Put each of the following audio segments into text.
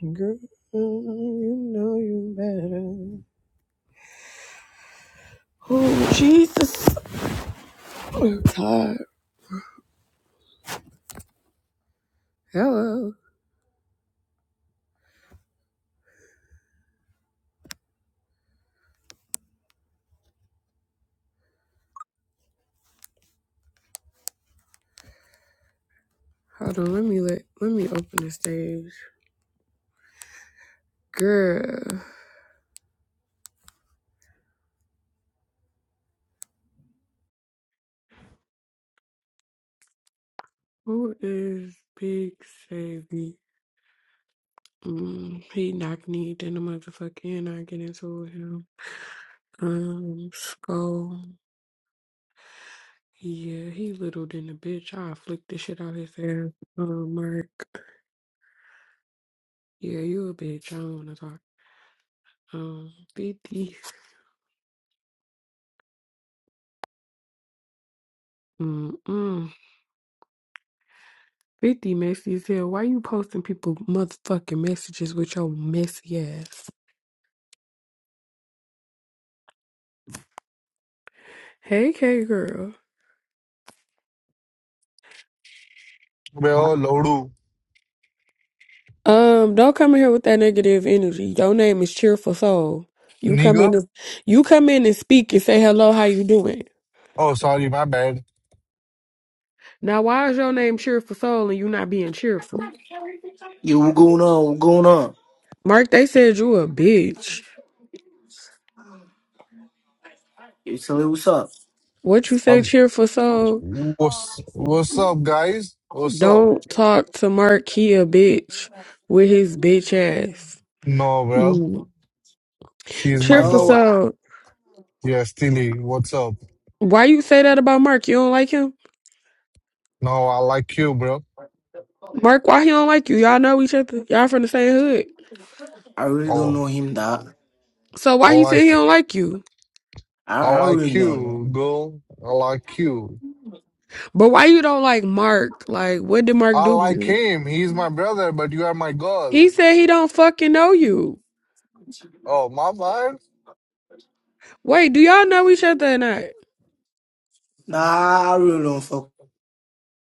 Girl, you know you better. Oh, Jesus. I'm tired. Hello. Hold on, let me let, let me open the stage. Girl, who is Big Savy? Mm, he knock me in the motherfucking I get into with him. Um, Skull. Yeah, he little than a bitch. I flick the shit out his ass. Um, Mark. Yeah, you a bitch. I don't wanna talk. Um, 50. Mm-mm. 50 messy as hell. Why you posting people motherfucking messages with your messy ass? Hey, K girl. Bro, Lodu, Um, don't come in here with that negative energy. Your name is Cheerful Soul. You come in, nigga. and, you come in and speak and say hello. How you doing? Oh, sorry, my bad. Now, why is your name Cheerful Soul and you not being cheerful? Mark, they said you a bitch. So hey, what's up? What you say, Um, Cheerful Soul? what's what's up, guys? What's up? Don't talk to Mark. He a bitch with his bitch ass. No, bro. Mm. She's my Cheerful No, girl. Soul. Yeah, Steely. What's up? Why you say that about Mark? You don't like him? No, I like you, bro. Mark, why he don't like you? Y'all know each other. Y'all from the same hood. I really don't Oh, know him that. So I why he said he like don't like you? I, I I really like don't really know. you, girl. I like you. But why you don't like Mark? Like, what did Mark I do to like you? him. He's my brother, but you are my He girl. said he don't fucking know you. Oh, my bad. Wait, do y'all know each other or not? Nah, I really don't fuck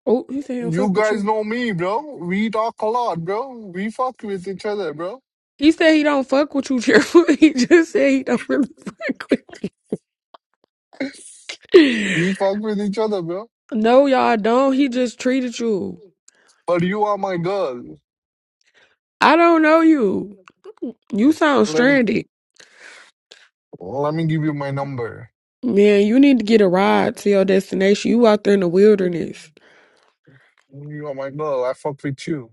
Oh, he said he don't fuck You with guys you. know me, bro. We talk a lot, bro. We fuck with each other, bro. He said he don't fuck with you, Cheerful. He just said he don't really fuck with you. We fuck with each other, bro. No, y'all don't. He just treated you. But you are my girl. I don't know you. You sound Let me stranded. let me give you my number. Man, you need to get a ride to your destination. You out there in the wilderness. You are my girl. I fuck with you.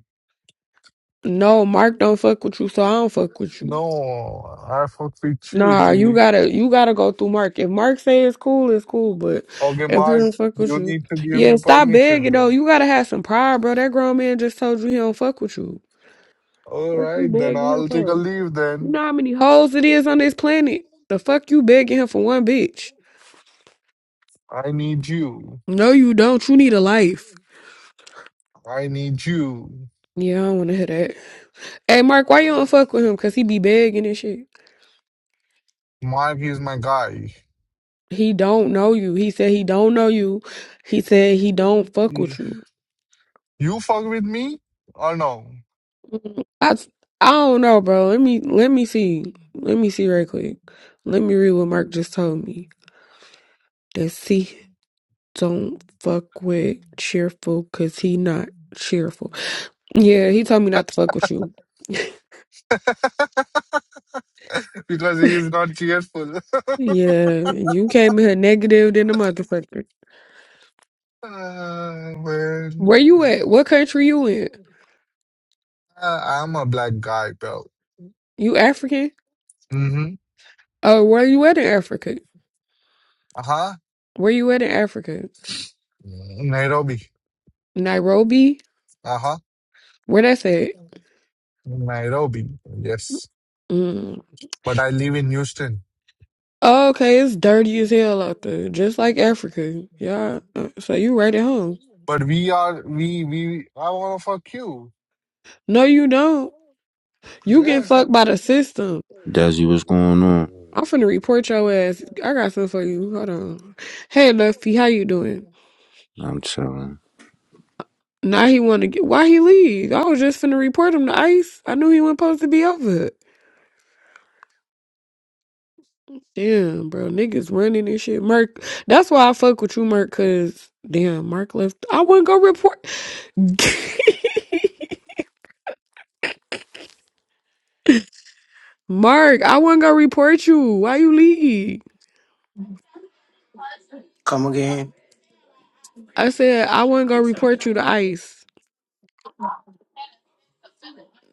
No, Mark don't fuck with you, so I don't fuck with you. No, I fuck with you, Nah, you Tilly. gotta you gotta go through Mark. If Mark say it's cool, it's cool. But Okay, if he Mark, don't fuck with you you, need to give yeah, me stop permission, begging though. bro. You gotta have some pride, bro. That grown man just told you he don't fuck with you. All What you right, then begging him I'll take a for? leave You then. know how many hoes it is on this planet. The fuck you begging him for one bitch? I need you. No, you don't. You need a life. I need you. Yeah, I don't wanna hear that. Hey, Mark, why you don't fuck with him? Cause he be begging and shit. Mark is my guy. He don't know you. He said he don't know you. He said he don't fuck with You you. fuck with me or no? I I don't know, bro. Let me let me see. Let me see right quick. Let me read what Mark just told me. That see don't fuck with cheerful cause he not cheerful. Yeah, he told me not to fuck with you. Because he is not cheerful. Yeah, you came in here negative than a motherfucker. Ah, man. Where you at? What country you in? Uh, I'm a black guy, bro. You African? Mm-hmm. Oh, where you at in Africa? Uh-huh. Where you at in Africa? Nairobi. Nairobi? Uh-huh. Where that's at? Nairobi. Yes. Mm. But I live in Houston. Oh, okay, it's dirty as hell out there, just like Africa. Yeah, uh, so you right at home. But we are we we are one of our queue. No, you don't. You get Yes, fucked by the system. Desi, what's going on? I'm finna report your ass. I got something for you. Hold on. Hey, Luffy, how you doing? I'm chilling. Now he want to get. Why he leave? I was just finna report him to ICE. I knew he wasn't supposed to be over. it. Damn, bro, niggas running and shit. Merc, that's why I fuck with you, Merc, cause damn, Mark left. I wouldn't go report. Mark, I wasn't gonna report you. Why you leave? come again. I said I wasn't gonna report you to ICE.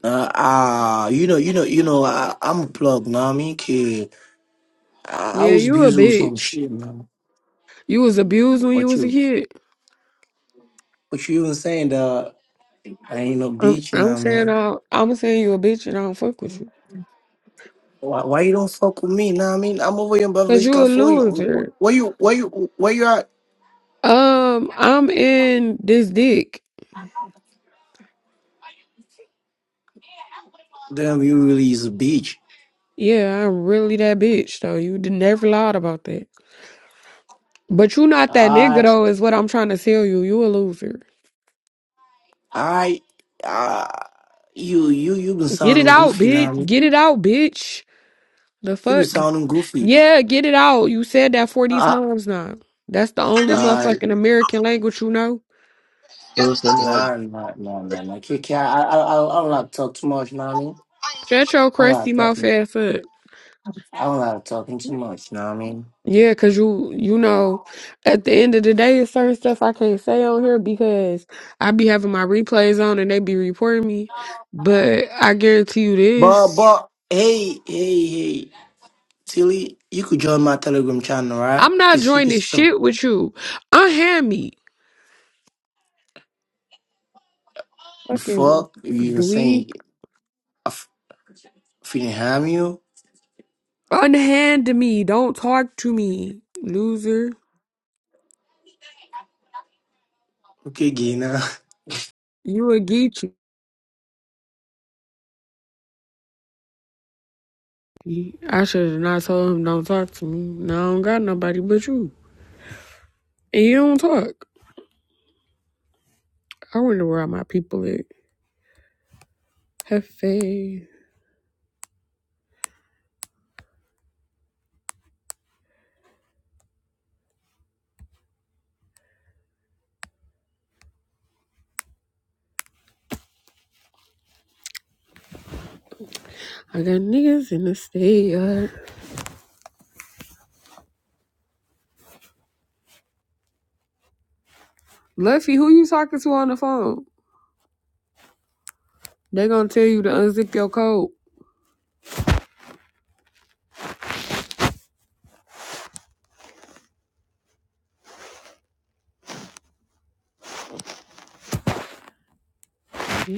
Uh, ah, you know, you know, you know. I, I'm a plug, know what I mean? 'Kay, I, I Yeah, was you a busy with some bitch. shit, man. You was abused when you What was a you, kid. what you even saying that I ain't no I'm, bitch, know I'm what I saying mean? I, I'm saying you a bitch and I don't fuck with you Why, why you don't fuck with me, know what I mean? I'm over here in Beverly because Hills, you a California. loser. Wh- Where you, where you, where you at? Um, I'm in this dick. Damn, you really is a bitch. Yeah, I'm really that bitch though. You did never lied about that. But you not that nigga Alright, though. Is what I'm trying to tell you. You a loser. alright. ah, You you you been Get it sounding out, goofy, bitch. Nami. Get it out, bitch. The You been fuck. sounding goofy. Yeah, get it out. You said that 40 Uh, times now. That's the only uh, motherfucking American language you know. It was no nah, nah, nah, Lord. nah, nah. KK, I, I, I, I don't like to talk too much, Nami. Shut your I don't crusty like mouth talking. ass up. I don't like talking too much, Nami. Yeah, cause you you know, at the end of the day, it's certain stuff I can't say on here because I be having my replays on and they be reporting me. But I guarantee you But this: but hey hey hey, Tilly, you could join my Telegram channel, right? I'm not Cause you could joining stop shit with you. Unhand me, the fucking fuck you even dweeb. saying I f- feeling harm you. Unhand me. Don't talk to me, loser. Okay, Gina. You a geek. He- I should have not told him don't talk to me. Now I don't got nobody but you. And you don't talk. I wonder where all my people at. Hefe. I got niggas in the state. uh. Luffy, who you talking to on the phone? They gonna tell you to unzip your coat. I'm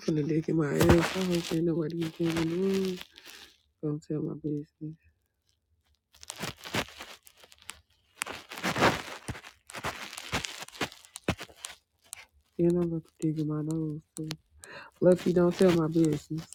finna dig in my ass. I hope ain't nobody in the room. Don't tell my business. Then I'm about to dig in my nose too. Luffy, don't tell my business.